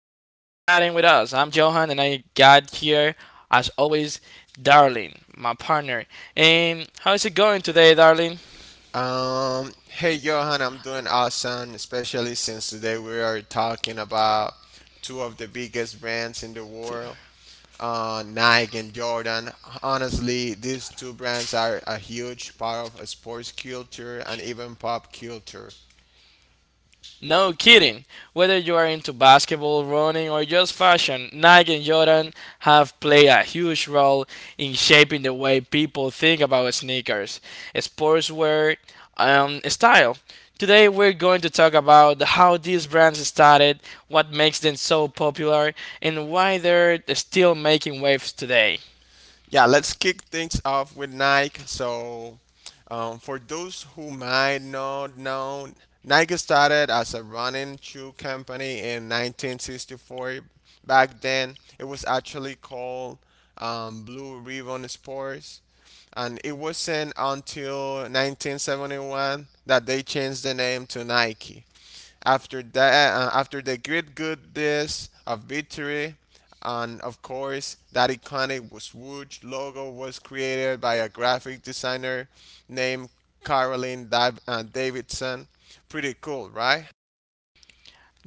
with Us. I'm Johan and I got here, as always, Darling, my partner. And how's it going today, Darling? Hey Johan, I'm doing awesome, especially since today we are talking about two of the biggest brands in the world, Nike and Jordan. Honestly, these two brands are a huge part of sports culture and even pop culture. No kidding. Whether you are into basketball, running, or just fashion, Nike and Jordan have played a huge role in shaping the way people think about sneakers, sportswear, style. Today we're going to talk about how these brands started, what makes them so popular, and why they're still making waves today. Yeah, let's kick things off with Nike. So, for those who might not know, Nike started as a running shoe company in 1964. Back then, it was actually called Blue Ribbon Sports, and it wasn't until 1971 that they changed the name to Nike. After that, after the great good days of victory and of course, that iconic swoosh logo was created by a graphic designer named Caroline Davidson. Pretty cool, right?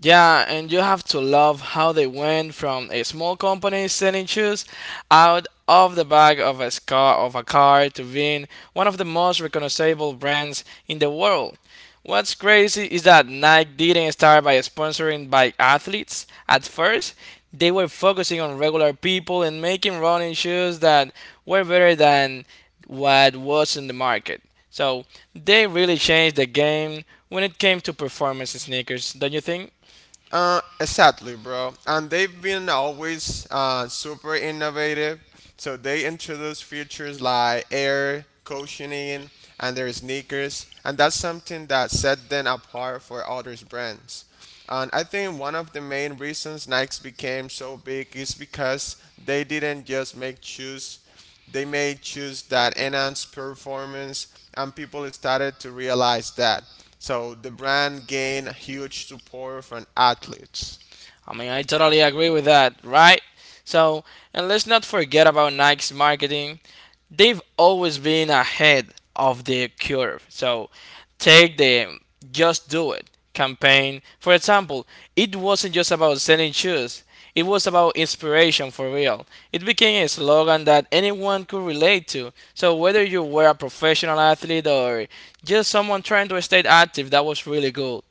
Yeah, and you have to love how they went from a small company selling shoes out of the back of a car to being one of the most recognizable brands in the world. What's crazy is that Nike didn't start by sponsoring by athletes. At first, they were focusing on regular people and making running shoes that were better than what was in the market. So they really changed the game when it came to performance sneakers, don't you think? Exactly, bro. And they've been always super innovative. So they introduce features like air cushioning and their sneakers, and that's something that set them apart for others brands. And I think one of the main reasons Nikes became so big is because they didn't just make shoes, they made shoes that enhanced performance, and people started to realize that. So the brand gained huge support from athletes. I mean, I totally agree with that, right? So, and let's not forget about Nike's marketing. They've always been ahead of the curve. So, take the Just Do It campaign. For example, it wasn't just about selling shoes, it was about inspiration for real. It became a slogan that anyone could relate to. So, whether you were a professional athlete or just someone trying to stay active, that was really good.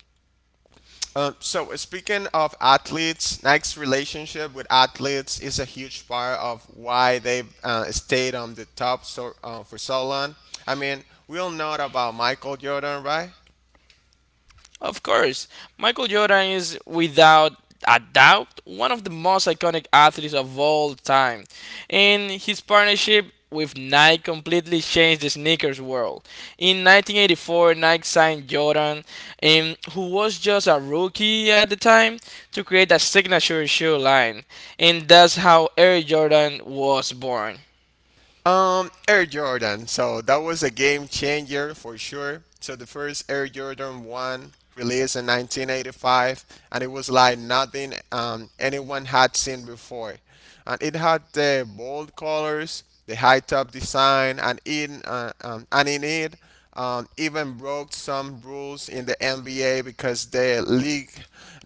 So speaking of athletes, Nike's relationship with athletes is a huge part of why they've stayed on the top so, for so long. I mean, we all know about Michael Jordan, right? Of course, Michael Jordan is without a doubt one of the most iconic athletes of all time, and his partnership with Nike completely changed the sneakers world. In 1984, Nike signed Jordan, who was just a rookie at the time, to create a signature shoe line, and that's how Air Jordan was born. Air Jordan. So that was a game changer for sure. So the first Air Jordan 1 released in 1985, and it was like nothing anyone had seen before. And it had the bold colors, the high top design, and in it even broke some rules in the NBA because the league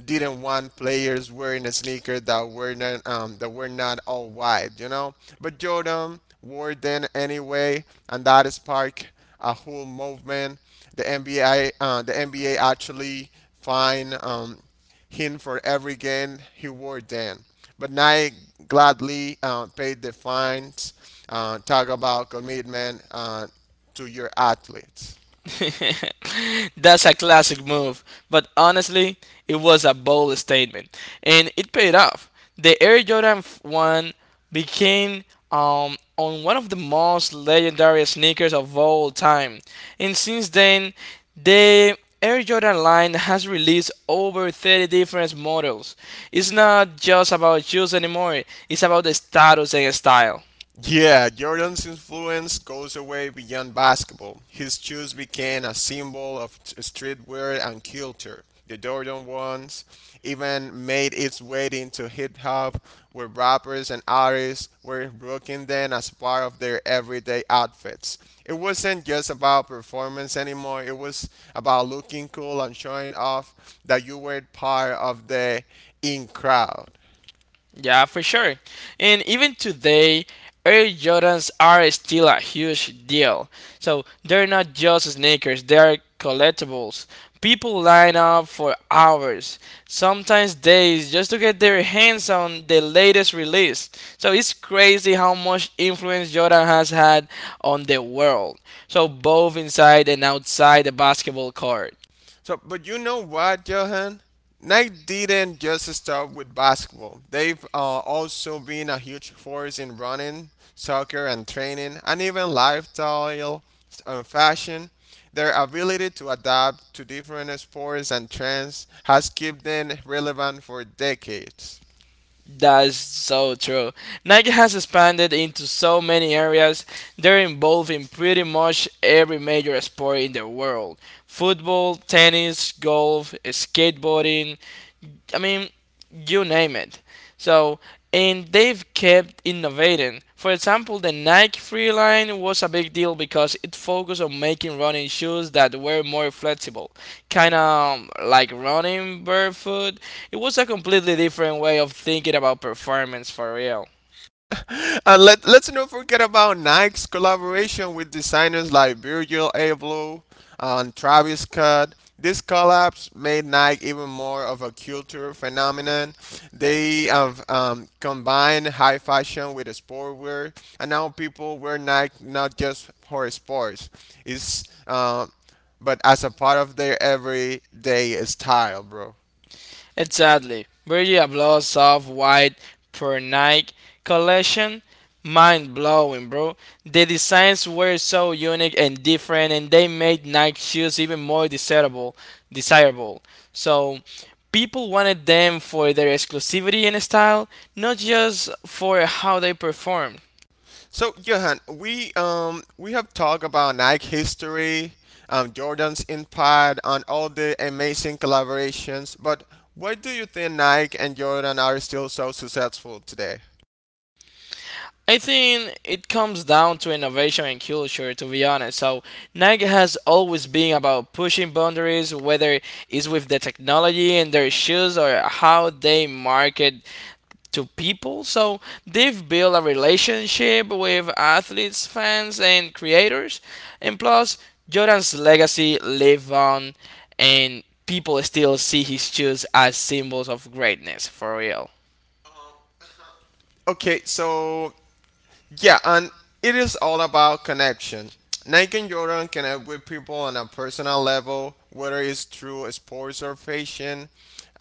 didn't want players wearing a sneaker that were not all white, you know. But Jordan wore them anyway, and that sparked a whole movement. The NBA actually fined him for every game he wore then. But Nike gladly paid the fines. Talk about commitment. To your athletes. That's a classic move, but honestly, it was a bold statement, and it paid off. The Air Jordan 1 became on one of the most legendary sneakers of all time, and since then, the Air Jordan line has released over 30 different models. It's not just about shoes anymore, it's about the status and style. Yeah, Jordan's influence goes away beyond basketball. His shoes became a symbol of streetwear and culture. The Jordan ones even made its way into hip hop, where rappers and artists were rocking them as part of their everyday outfits. It wasn't just about performance anymore, it was about looking cool and showing off that you were part of the in crowd. Yeah, for sure. And even today, Air Jordans are still a huge deal. So they're not just sneakers, they're collectibles. People line up for hours, sometimes days, just to get their hands on the latest release. So it's crazy how much influence Jordan has had on the world. So both inside and outside the basketball court. So, but you know what, Johan? Nike didn't just stop with basketball. They've also been a huge force in running, soccer, and training, and even lifestyle and fashion. Their ability to adapt to different sports and trends has kept them relevant for decades. That's so true. Nike has expanded into so many areas. They're involved in pretty much every major sport in the world football, tennis, golf, skateboarding. I mean, you name it. So and they've kept innovating. For example, the Nike Free line was a big deal because it focused on making running shoes that were more flexible, kind of like running barefoot. It was a completely different way of thinking about performance for real. And let's not forget about Nike's collaboration with designers like Virgil Abloh and Travis Scott. These collabs made Nike even more of a cultural phenomenon. They have combined high fashion with sportswear, and now people wear Nike not just for sports, it's, uh, but as a part of their everyday style, bro. Exactly. Virgil Abloh's soft white Nike collection, mind blowing, bro. The designs were so unique and different, and they made Nike shoes even more desirable. Desirable. So people wanted them for their exclusivity and style, not just for how they perform. So Johan, we have talked about Nike history, Jordan's impact, and all the amazing collaborations. But why do you think Nike and Jordan are still so successful today? I think it comes down to innovation and culture, to be honest. So, Nike has always been about pushing boundaries, whether it's with the technology in their shoes or how they market to people. So, they've built a relationship with athletes, fans, and creators. And plus, Jordan's legacy live on, and people still see his shoes as symbols of greatness, for real. Okay, so yeah, and it is all about connection. Nike and Jordan connect with people on a personal level, whether it's through sports or fashion.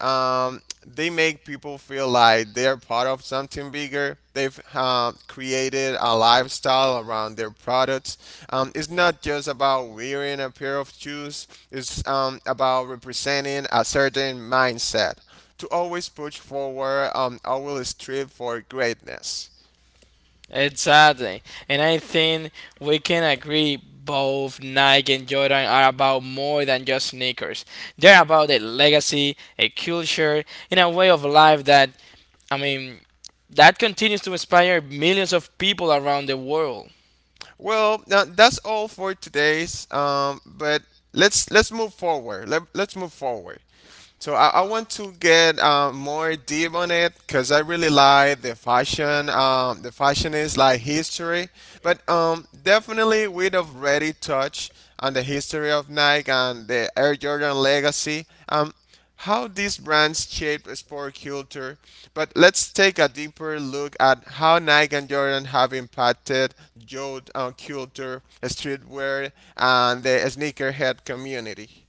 They make people feel like they're part of something bigger. They've created a lifestyle around their products. It's not just about wearing a pair of shoes, it's about representing a certain mindset to always push forward, always strive for greatness. Exactly. And I think we can agree both Nike and Jordan are about more than just sneakers. They're about a legacy, a culture, and a way of life that, I mean, that continues to inspire millions of people around the world. Well, now that's all for today's. But let's move forward. Let's move forward. So I want to get more deep on it because I really like the fashion. The fashion is like history, but definitely we've already touched on the history of Nike and the Air Jordan legacy. How these brands shaped sport culture, but let's take a deeper look at how Nike and Jordan have impacted youth culture, streetwear, and the sneakerhead community.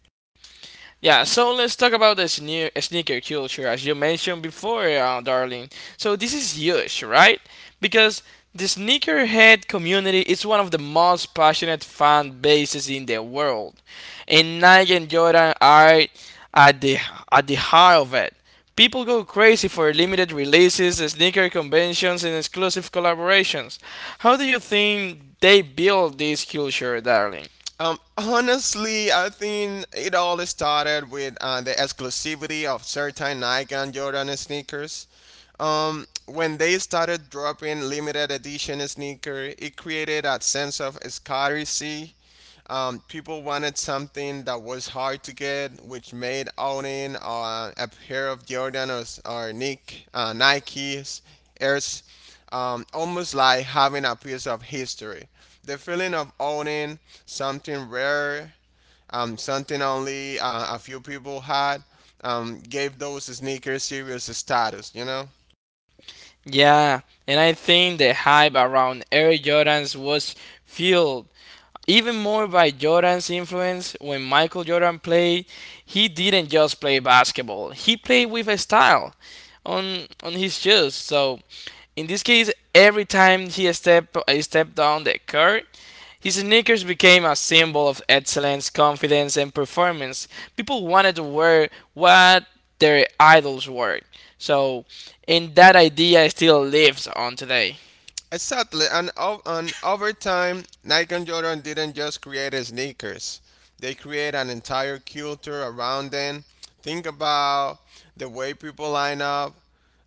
Yeah, so let's talk about the sneaker culture, as you mentioned before, darling. So this is huge, right? Because the sneakerhead community is one of the most passionate fan bases in the world, and Nike and Jordan are at the at the heart of it. People go crazy for limited releases, sneaker conventions, and exclusive collaborations. How do you think they build this culture, darling? Honestly, I think it all started with the exclusivity of certain Nike and Jordan sneakers. When they started dropping limited edition sneaker, it created a sense of scarcity, people wanted something that was hard to get, which made owning a pair of Jordan or Nike's airs almost like having a piece of history. The feeling of owning something rare, something only a few people had, gave those sneakers serious status, you know? Yeah, and I think the hype around Air Jordans was fueled even more by Jordan's influence. When Michael Jordan played, he didn't just play basketball, he played with a style on his shoes. So, in this case, every time he stepped down the court, his sneakers became a symbol of excellence, confidence, and performance. People wanted to wear what their idols were. So, and that idea still lives on today. Exactly, and over time, Nike and Jordan didn't just create sneakers; they create an entire culture around them. Think about the way people line up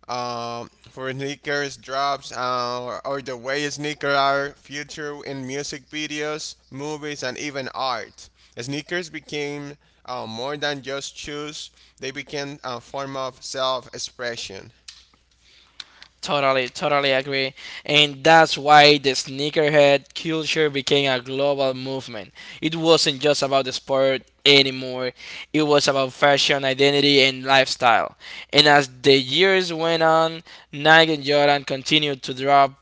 for sneakers drops, or the way sneakers are featured in music videos, movies, and even art. Sneakers became more than just shoes; they became a form of self-expression. Totally, totally agree. And that's why the sneakerhead culture became a global movement. It wasn't just about the sport anymore, it was about fashion, identity, and lifestyle. And as the years went on, Nike and Jordan continued to drop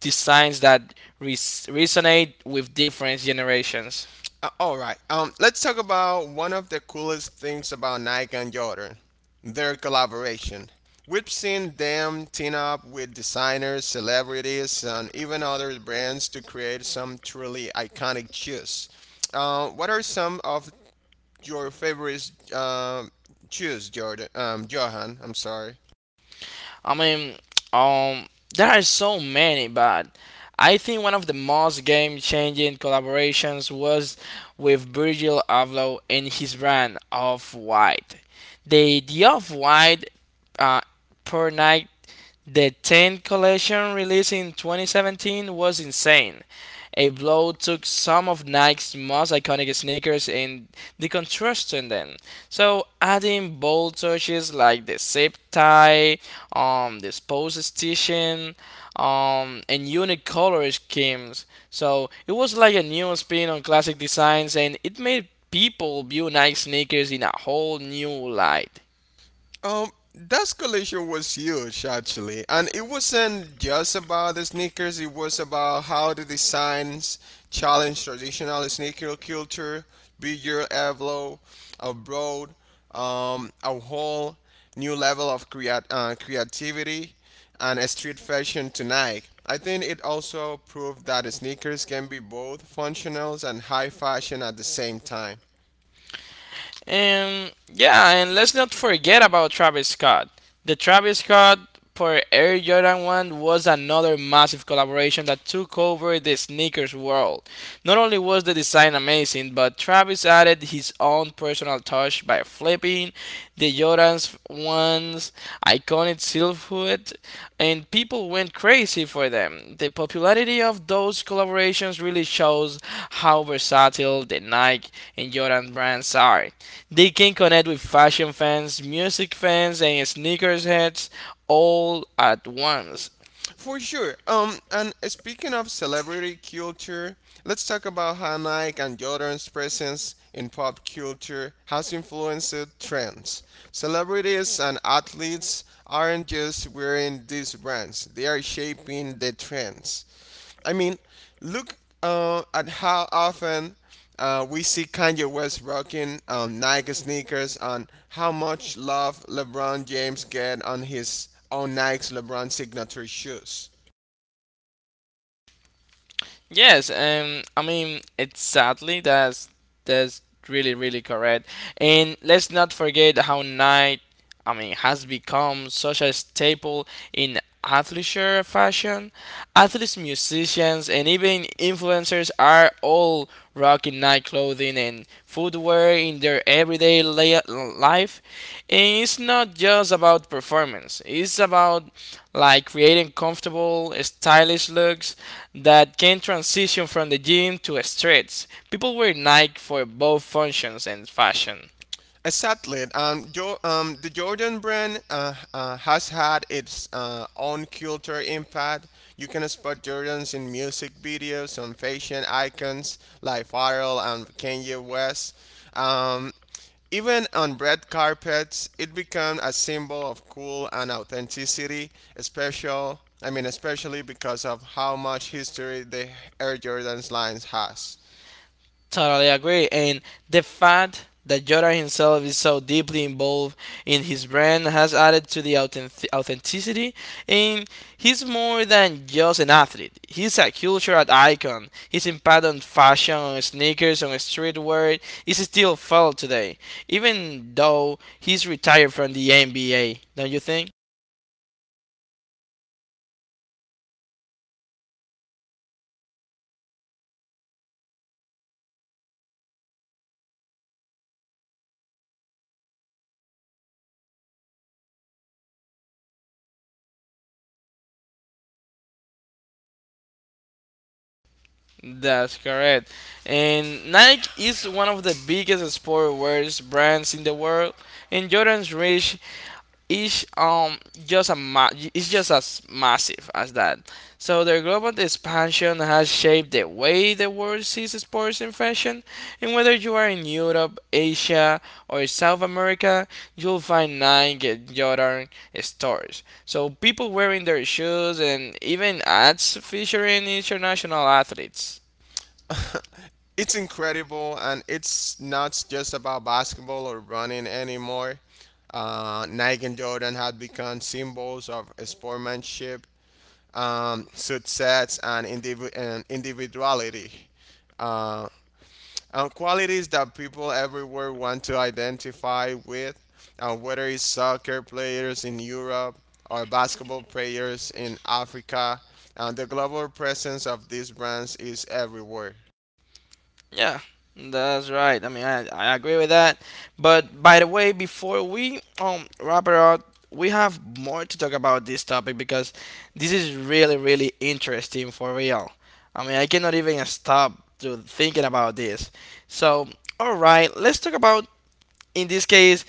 designs that resonate with different generations. All right. Let's talk about one of the coolest things about Nike and Jordan, their collaboration. We've seen them team up with designers, celebrities, and even other brands to create some truly iconic shoes. What are some of your favorite shoes, Jordan? Johan, I'm sorry. I mean, um, there are so many, but I think one of the most game-changing collaborations was with Virgil Abloh and his brand Off White. The Off White uh, Per Night the 10th collection released in 2017 was insane. A blow took some of Nike's most iconic sneakers and deconstructed them. So adding bold touches like the zip tie, the pose stitching, and unique color schemes. So it was like a new spin on classic designs and it made people view Nike sneakers in a whole new light. That collision was huge actually, and it wasn't just about the sneakers. It was about how the designs challenge traditional sneaker culture, be your Evlo, abroad, a whole new level of creativity and a street fashion tonight. I think it also proved that sneakers can be both functional and high fashion at the same time. And yeah, and let's not forget about Travis Scott. The Travis Scott for Air Jordan 1 was another massive collaboration that took over the sneakers world. Not only was the design amazing, but Travis added his own personal touch by flipping the Jordan's 1 guns, iconic silhouette, and people went crazy for them. The popularity of those collaborations really shows how versatile the Nike and Jordan brands are. They can connect with fashion fans, music fans, and sneakers heads all at once. For sure. And speaking of celebrity culture, let's talk about how Nike and Jordan's presence in pop culture has influenced trends. Celebrities and athletes aren't just wearing these brands; they are shaping the trends. I mean, look at how often we see Kanye West rocking Nike sneakers and how much love LeBron James get on his own Nike's LeBron signature shoes. Yes, I mean, it's sadly that's really really correct. And let's not forget how night, I mean, has become such a staple in athleisure fashion. Athletes, musicians, and even influencers are all rocking night clothing and footwear in their everyday life. And it's not just about performance, it's about like creating comfortable, stylish looks that can transition from the gym to streets. People wear Nike for both functions and fashion. Exactly. The Jordan brand has had its own cultural impact. You can spot Jordans in music videos, on fashion icons like Pharrell and Kanye West. Um, Even on red carpets, it became a symbol of cool and authenticity, especially, especially because of how much history the Air Jordans lines has. Totally agree. And the fact that Yoda himself is so deeply involved in his brand has added to the authenticity. And he's more than just an athlete, he's a cultural icon. His impact on fashion, on sneakers, on streetwear is still felt today, even though he's retired from the NBA, don't you think? That's correct. And Nike is one of the biggest sportwear brands in the world, and Jordan's reach is just a is just as massive as that. So their global expansion has shaped the way the world sees sports and fashion, and whether you are in Europe, Asia, or South America, you'll find Nike and Jordan stores. So people wearing their shoes and even ads featuring international athletes. It's incredible and it's not just about basketball or running anymore. Nike and Jordan had become symbols of sportsmanship, success, and individuality. Uh, and qualities that people everywhere want to identify with, whether it's soccer players in Europe or basketball players in Africa. The global presence of these brands is everywhere. Yeah, that's right. I mean, I agree with that. But by the way, before we wrap it up, we have more to talk about this topic because this is really, really interesting for real. I mean, I cannot even stop to thinking about this. So, all right, let's talk about in this case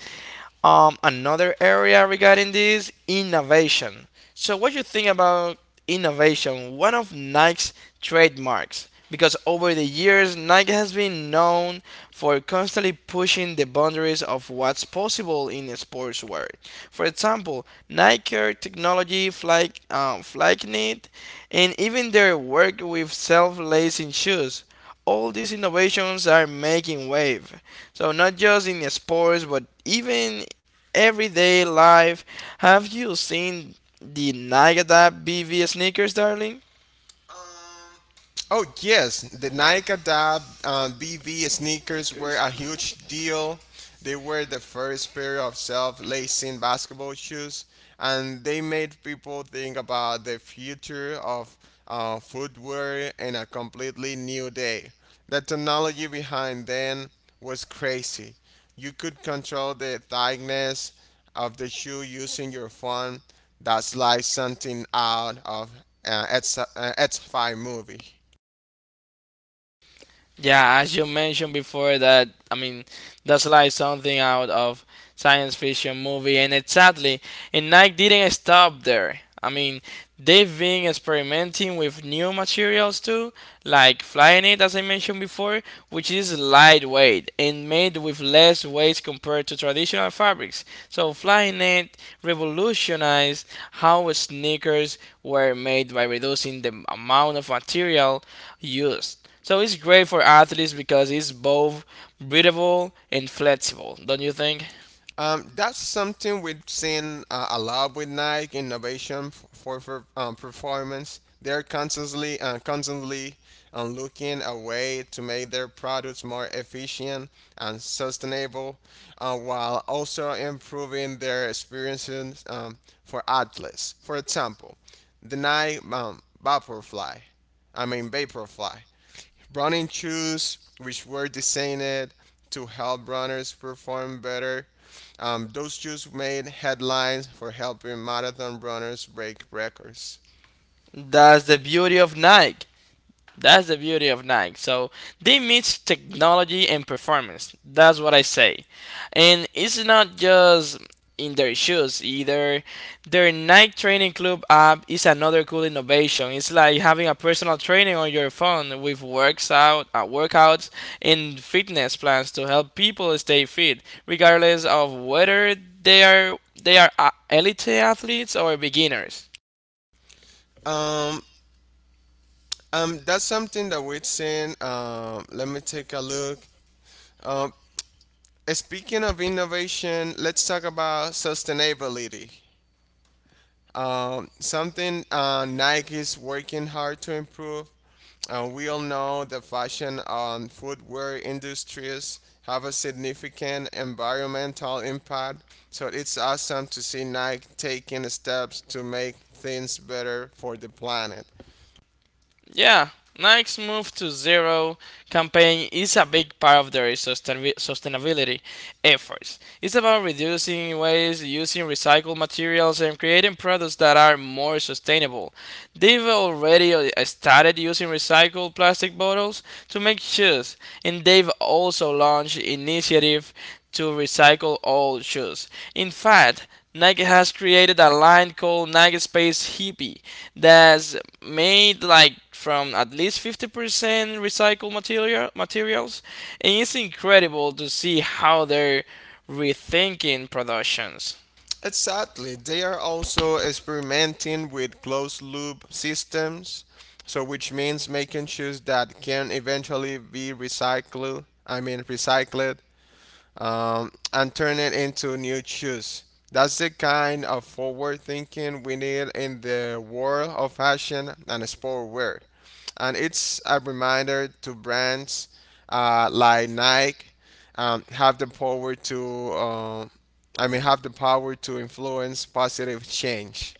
another area regarding this innovation. So, what you think about innovation? One of Nike's trademarks, because over the years Nike has been known for constantly pushing the boundaries of what's possible in the sportswear. For example, Nike Air technology, Fly, Flyknit, and even their work with self-lacing shoes. All these innovations are making wave. So not just in sports, but even everyday life. Have you seen the Nagada BV sneakers, darling? Oh yes, the Nike BV sneakers were a huge deal. They were the first pair of self-lacing basketball shoes, and they made people think about the future of footwear in a completely new day. The technology behind them was crazy. You could control the thickness of the shoe using your phone. That's like something out of uh, X, uh, X5 movie. Yeah, as you mentioned before, that I mean, that's like something out of science fiction movie. And exactly, and Nike didn't stop there. I mean, they've been experimenting with new materials too, like Flyknit, as I mentioned before, which is lightweight and made with less waste compared to traditional fabrics. So Flyknit revolutionized how sneakers were made by reducing the amount of material used. So it's great for athletes because it's both breathable and flexible, don't you think? That's something we've seen a lot with Nike innovation for performance. They're constantly looking a way to make their products more efficient and sustainable, while also improving their experiences for athletes. For example, the Nike Vaporfly, I mean Vaporfly, running shoes which were designed to help runners perform better, those Jews made headlines for helping marathon runners break records. That's the beauty of Nike. That's the beauty of Nike. So they mix technology and performance. That's what I say. And it's not just in their shoes either. Their Nike Training Club app is another cool innovation. It's like having a personal training on your phone with works out, workouts and fitness plans to help people stay fit, regardless of whether they are elite athletes or beginners. Um, that's something that we've seen. Let me take a look. Um, speaking of innovation, let's talk about sustainability. Something Nike is working hard to improve. We all know the fashion and footwear industries have a significant environmental impact, so it's awesome to see Nike taking steps to make things better for the planet. Yeah, Nike's move to zero campaign is a big part of their sustainability efforts. It's about reducing waste, using recycled materials, and creating products that are more sustainable. They've already started using recycled plastic bottles to make shoes, and they've also launched initiative to recycle old shoes. In fact, Nike has created a line called Nike Space Hippie that's made like from at least 50% recycled materials and it's incredible to see how they're rethinking productions. Exactly. They are also experimenting with closed loop systems, so which means making shoes that can eventually be recycled, I mean recycled and turn it into new shoes. That's the kind of forward thinking we need in the world of fashion and sportwear. And it's a reminder to brands like Nike have the power to, have the power to influence positive change.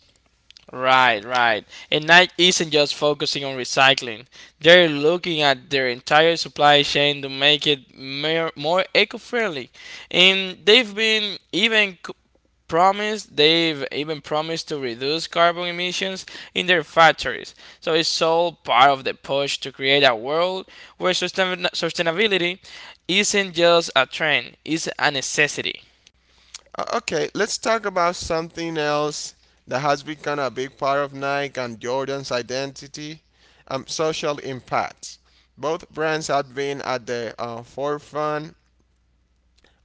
Right, right. And Nike isn't just focusing on recycling. They're looking at their entire supply chain to make it more eco-friendly. And they've been even c- promised they've even promised to reduce carbon emissions in their factories. So it's all part of the push to create a world where sustainability isn't just a trend, it's a necessity. Okay, let's talk about something else that has become a big part of Nike and Jordan's identity, social impact. Both brands have been at the forefront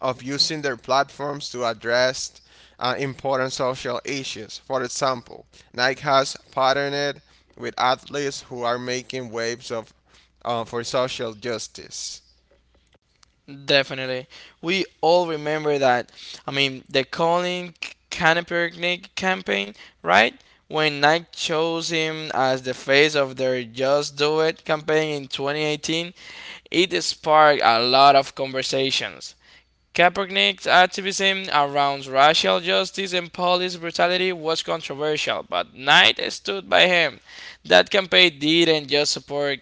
of using their platforms to address important social issues. For example, Nike has partnered with athletes who are making waves of for social justice. Definitely. We all remember that. I mean, the Colin Kaepernick campaign, right? When Nike chose him as the face of their Just Do It campaign in 2018, it sparked a lot of conversations. Kaepernick's activism around racial justice and police brutality was controversial, but Knight stood by him. That campaign didn't just support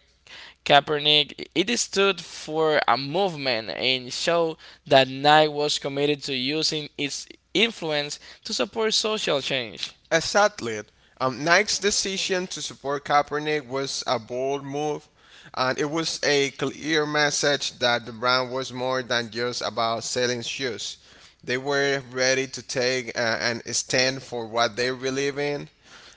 Kaepernick, it stood for a movement and showed that Nike was committed to using its influence to support social change. Exactly. Nike's decision to support Kaepernick was a bold move, and it was a clear message that the brand was more than just about selling shoes. They were ready to take and stand for what they believe in.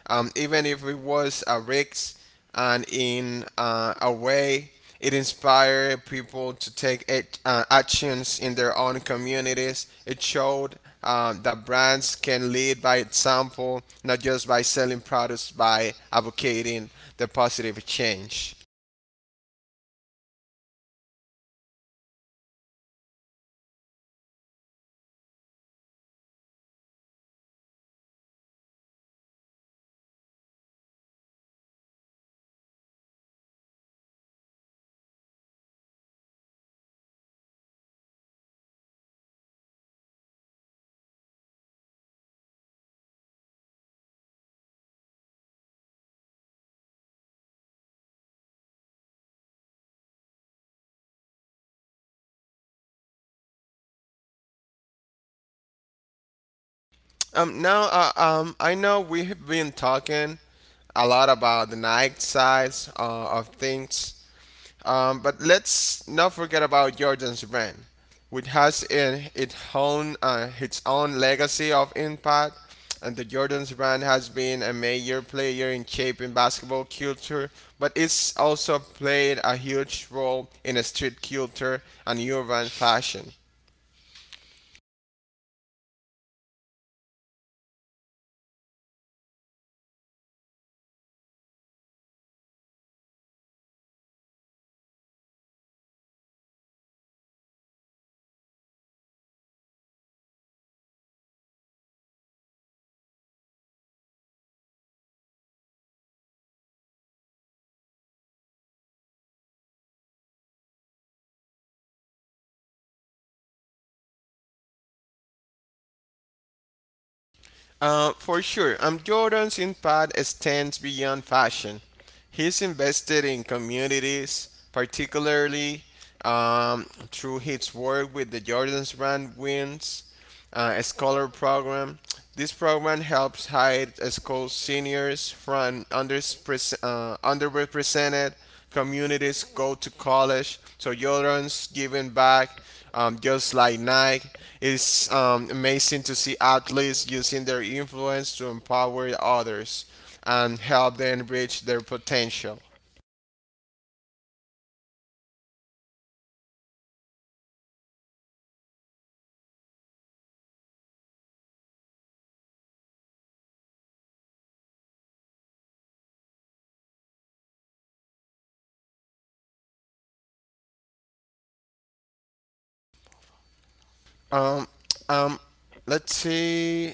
Even if it was a risk and in a way it inspired people to take actions in their own communities. It showed that brands can lead by example, not just by selling products, by advocating the positive change. I know we've been talking a lot about the night sides of things, but let's not forget about Jordan's brand, which has in its own legacy of impact. And the Jordan's brand has been a major player in shaping basketball culture, but it's also played a huge role in street culture and urban fashion. For sure. Jordan's impact extends beyond fashion. He's invested in communities, particularly um, through his work with the Jordan's Brand Wins, a scholar program. This program helps high school seniors from underrepresented communities go to college. So children's giving back, just like Nike. It's amazing to see athletes using their influence to empower others and help them reach their potential. Um, um, let's see.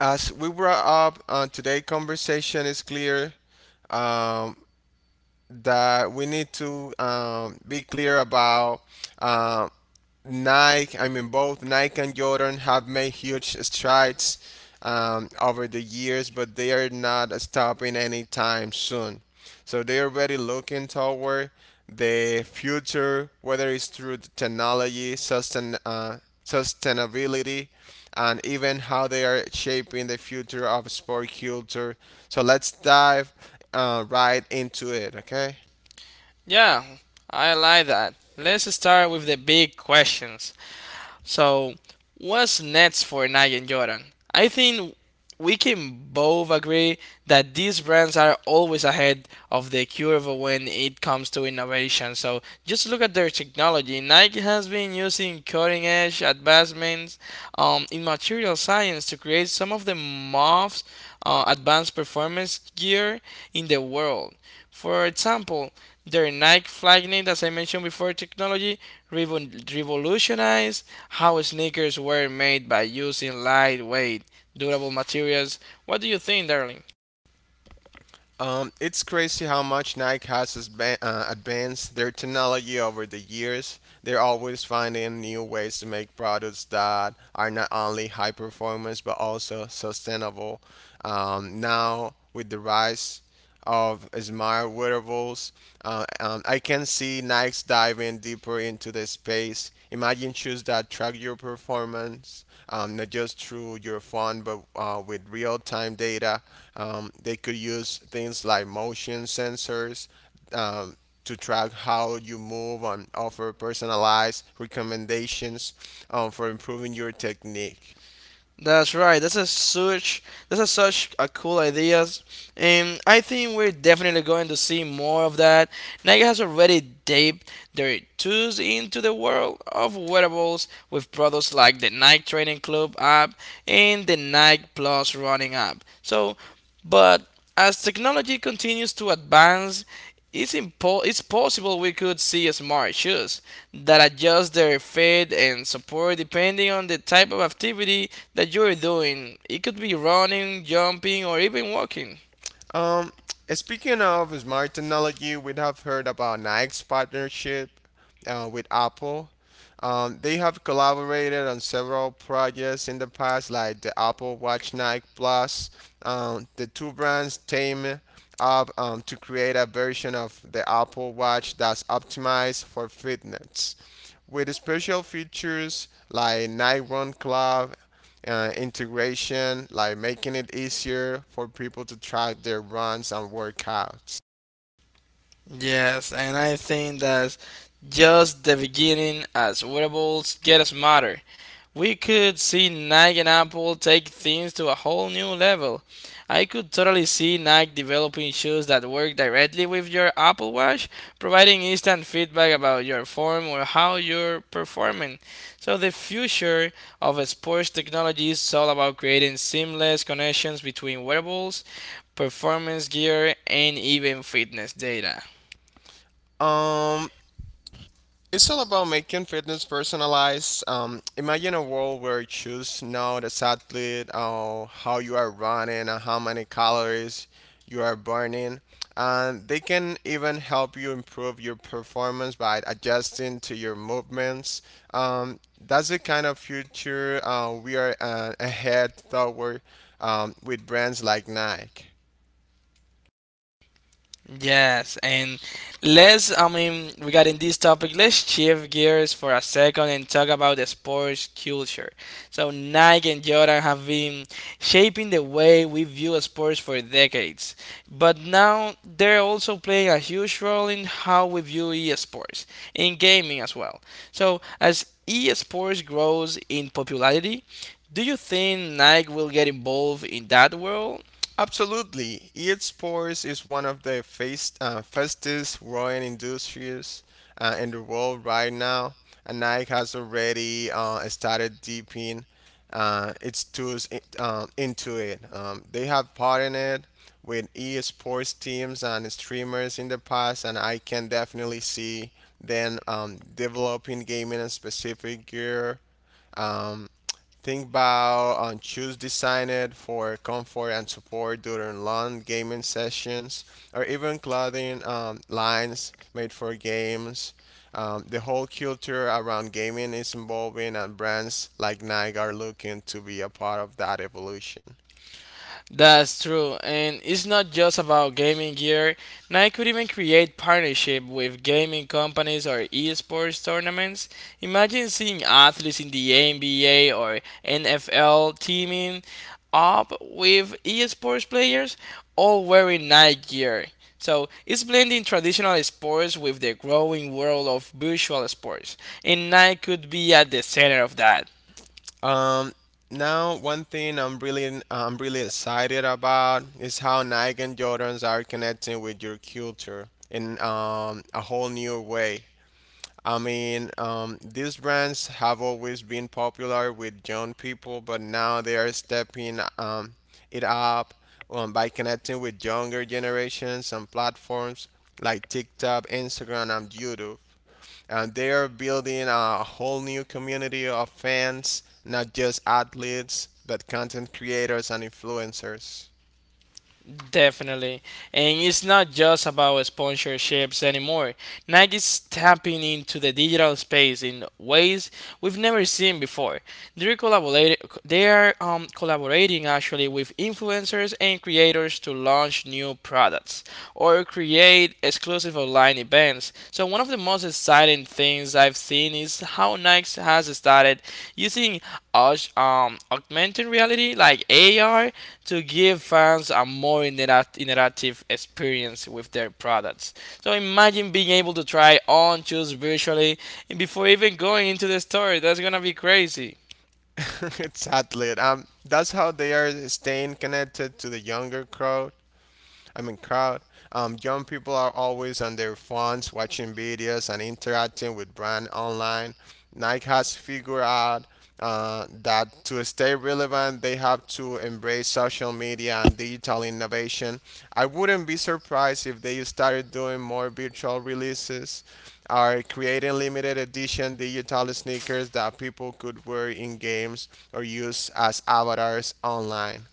As we wrap up on today's conversation, it's clear um, that we need to be clear about. um Nike, I mean, both Nike and Jordan have made huge strides over the years, but they are not stopping anytime soon. So they are already looking toward the future, whether it's through the technology, sustainability, and even how they are shaping the future of sport culture. So let's dive right into it, okay? Yeah, I like that. Let's start with the big questions. So, what's next for Nike and Jordan? I think we can both agree that these brands are always ahead of the curve when it comes to innovation. So, just look at their technology. Nike has been using cutting edge advancements in material science to create some of the most advanced performance gear in the world. For example, their Nike Flyknit, as I mentioned before, technology revolutionized how sneakers were made by using lightweight, durable materials. What do you think, darling? It's crazy how much Nike has advanced their technology over the years. They're always finding new ways to make products that are not only high performance but also sustainable. Now, with the rise of smart wearables. I can see Nike's diving deeper into the space. Imagine shoes that track your performance, not just through your phone, but with real time data. They could use things like motion sensors. Um, to track how you move and offer personalized recommendations for improving your technique. That's right. That's a such a cool ideas, and I think we're definitely going to see more of that. Nike has already dipped their toes into the world of wearables with products like the Nike Training Club app and the Nike Plus Running app. But as technology continues to advance, it's possible we could see smart shoes that adjust their fit and support depending on the type of activity that you're doing. It could be running, jumping, or even walking. Um, Speaking of smart technology, we have heard about Nike's partnership with Apple. They have collaborated on several projects in the past, like the Apple Watch Nike Plus. The two brands team up to create a version of the Apple Watch that's optimized for fitness, with special features like Nike Run Club integration, like making it easier for people to track their runs and workouts. Yes, and I think that's just the beginning as wearables get smarter. We could see Nike and Apple take things to a whole new level. I could totally see Nike developing shoes that work directly with your Apple Watch, providing instant feedback about your form or how you're performing. So, the future of sports technology is all about creating seamless connections between wearables, performance gear, and even fitness data. Um, It's all about making fitness personalized. Imagine a world where you choose to know this athlete, how you are running, and how many calories you are burning. And they can even help you improve your performance by adjusting to your movements. Um, that's the kind of future we are ahead toward with brands like Nike. Yes, and regarding this topic, let's shift gears for a second and talk about the sports culture. So, Nike and Jordan have been shaping the way we view sports for decades, but now they're also playing a huge role in how we view esports, in gaming as well. So, as esports grows in popularity, do you think Nike will get involved in that world? Absolutely. Esports is one of the fastest growing industries in the world right now. And Nike has already started deeping its tools into it. They have partnered with esports teams and streamers in the past, and I can definitely see them developing gaming and specific gear. Um, Think about on shoes designed for comfort and support during long gaming sessions, or even clothing lines made for games. The whole culture around gaming is evolving, and brands like Nike are looking to be a part of that evolution. That's true, and it's not just about gaming gear. Nike could even create partnership with gaming companies or esports tournaments. Imagine seeing athletes in the NBA or NFL teaming up with esports players, all wearing Nike gear. So it's blending traditional sports with the growing world of virtual sports, and Nike could be at the center of that. Um, Now one thing I'm really excited about is how Nike and Jordans are connecting with your culture in a whole new way. I mean, these brands have always been popular with young people, but now they are stepping it up by connecting with younger generations on platforms like TikTok, Instagram, and YouTube. And they are building a whole new community of fans, not just athletes, but content creators and influencers. Definitely. And it's not just about sponsorships anymore. Nike's tapping into the digital space in ways we've never seen before. They're collaborating, they are collaborating actually with influencers and creators to launch new products or create exclusive online events. So, one of the most exciting things I've seen is how Nike has started using augmented reality, like AR, to give fans a more interactive experience with their products. So imagine being able to try on, choose virtually, and before even going into the store. That's gonna be crazy. It's athlete. That's how they are staying connected to the younger crowd I mean, crowd. Young people are always on their phones watching videos and interacting with brands online. Nike has figured out that to stay relevant, they have to embrace social media and digital innovation. I wouldn't be surprised if they started doing more virtual releases or creating limited edition digital sneakers that people could wear in games or use as avatars online.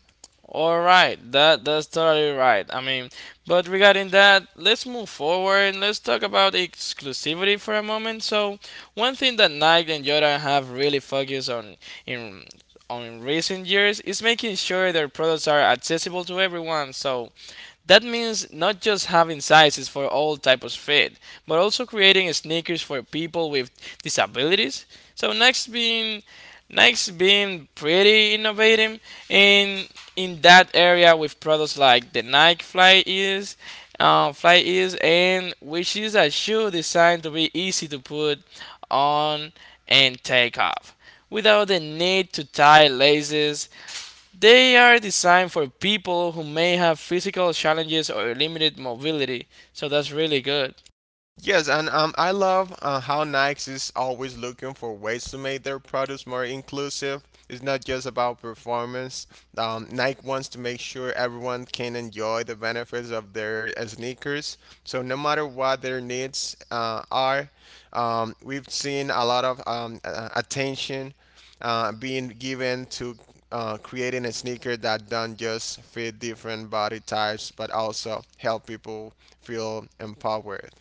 All right, that's totally right. I mean, but regarding that, let's move forward and let's talk about exclusivity for a moment. So, one thing that Nike and Jordan have really focused on in in recent years is making sure their products are accessible to everyone. So, that means not just having sizes for all types of fit, but also creating sneakers for people with disabilities. So next being pretty innovative in in that area with products like the Fly Ease, and which is a shoe designed to be easy to put on and take off without the need to tie laces. They are designed for people who may have physical challenges or limited mobility, so that's really good. Yes, and I love how Nike is always looking for ways to make their products more inclusive. It's not just about performance. Nike wants to make sure everyone can enjoy the benefits of their sneakers. So no matter what their needs are, we've seen a lot of attention being given to creating a sneaker that don't just fit different body types, but also help people feel empowered.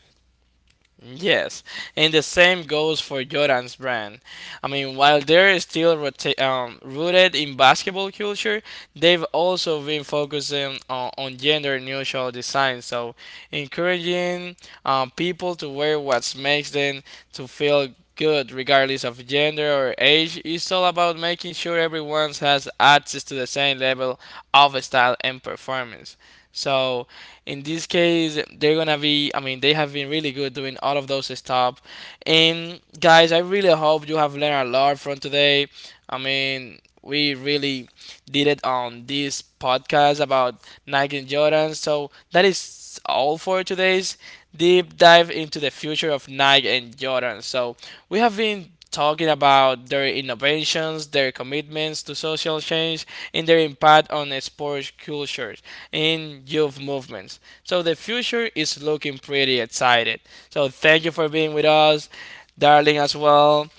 Yes, and the same goes for Jordan's brand. I mean, while they're still rooted in basketball culture, they've also been focusing on gender neutral design, so encouraging people to wear what makes them to feel good regardless of gender or age. It's all about making sure everyone has access to the same level of style and performance. So in this case, they're gonna be. I mean, they have been really good doing all of those stuff. And guys, I really hope you have learned a lot from today. I mean, we really did it on this podcast about Nike and Jordan. So that is all for today's deep dive into the future of Nike and Jordan. So we have been talking about their innovations, their commitments to social change, and their impact on sports culture in youth movements. So the future is looking pretty excited. So thank you for being with us, darling, as well.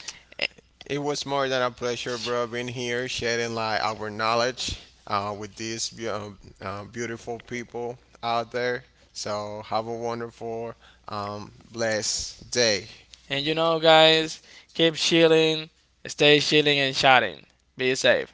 It was more than a pleasure, bro, being here, sharing like our knowledge with these beautiful people out there. So have a wonderful, blessed day. And you know, guys, keep chilling, stay chilling and chatting. Be safe.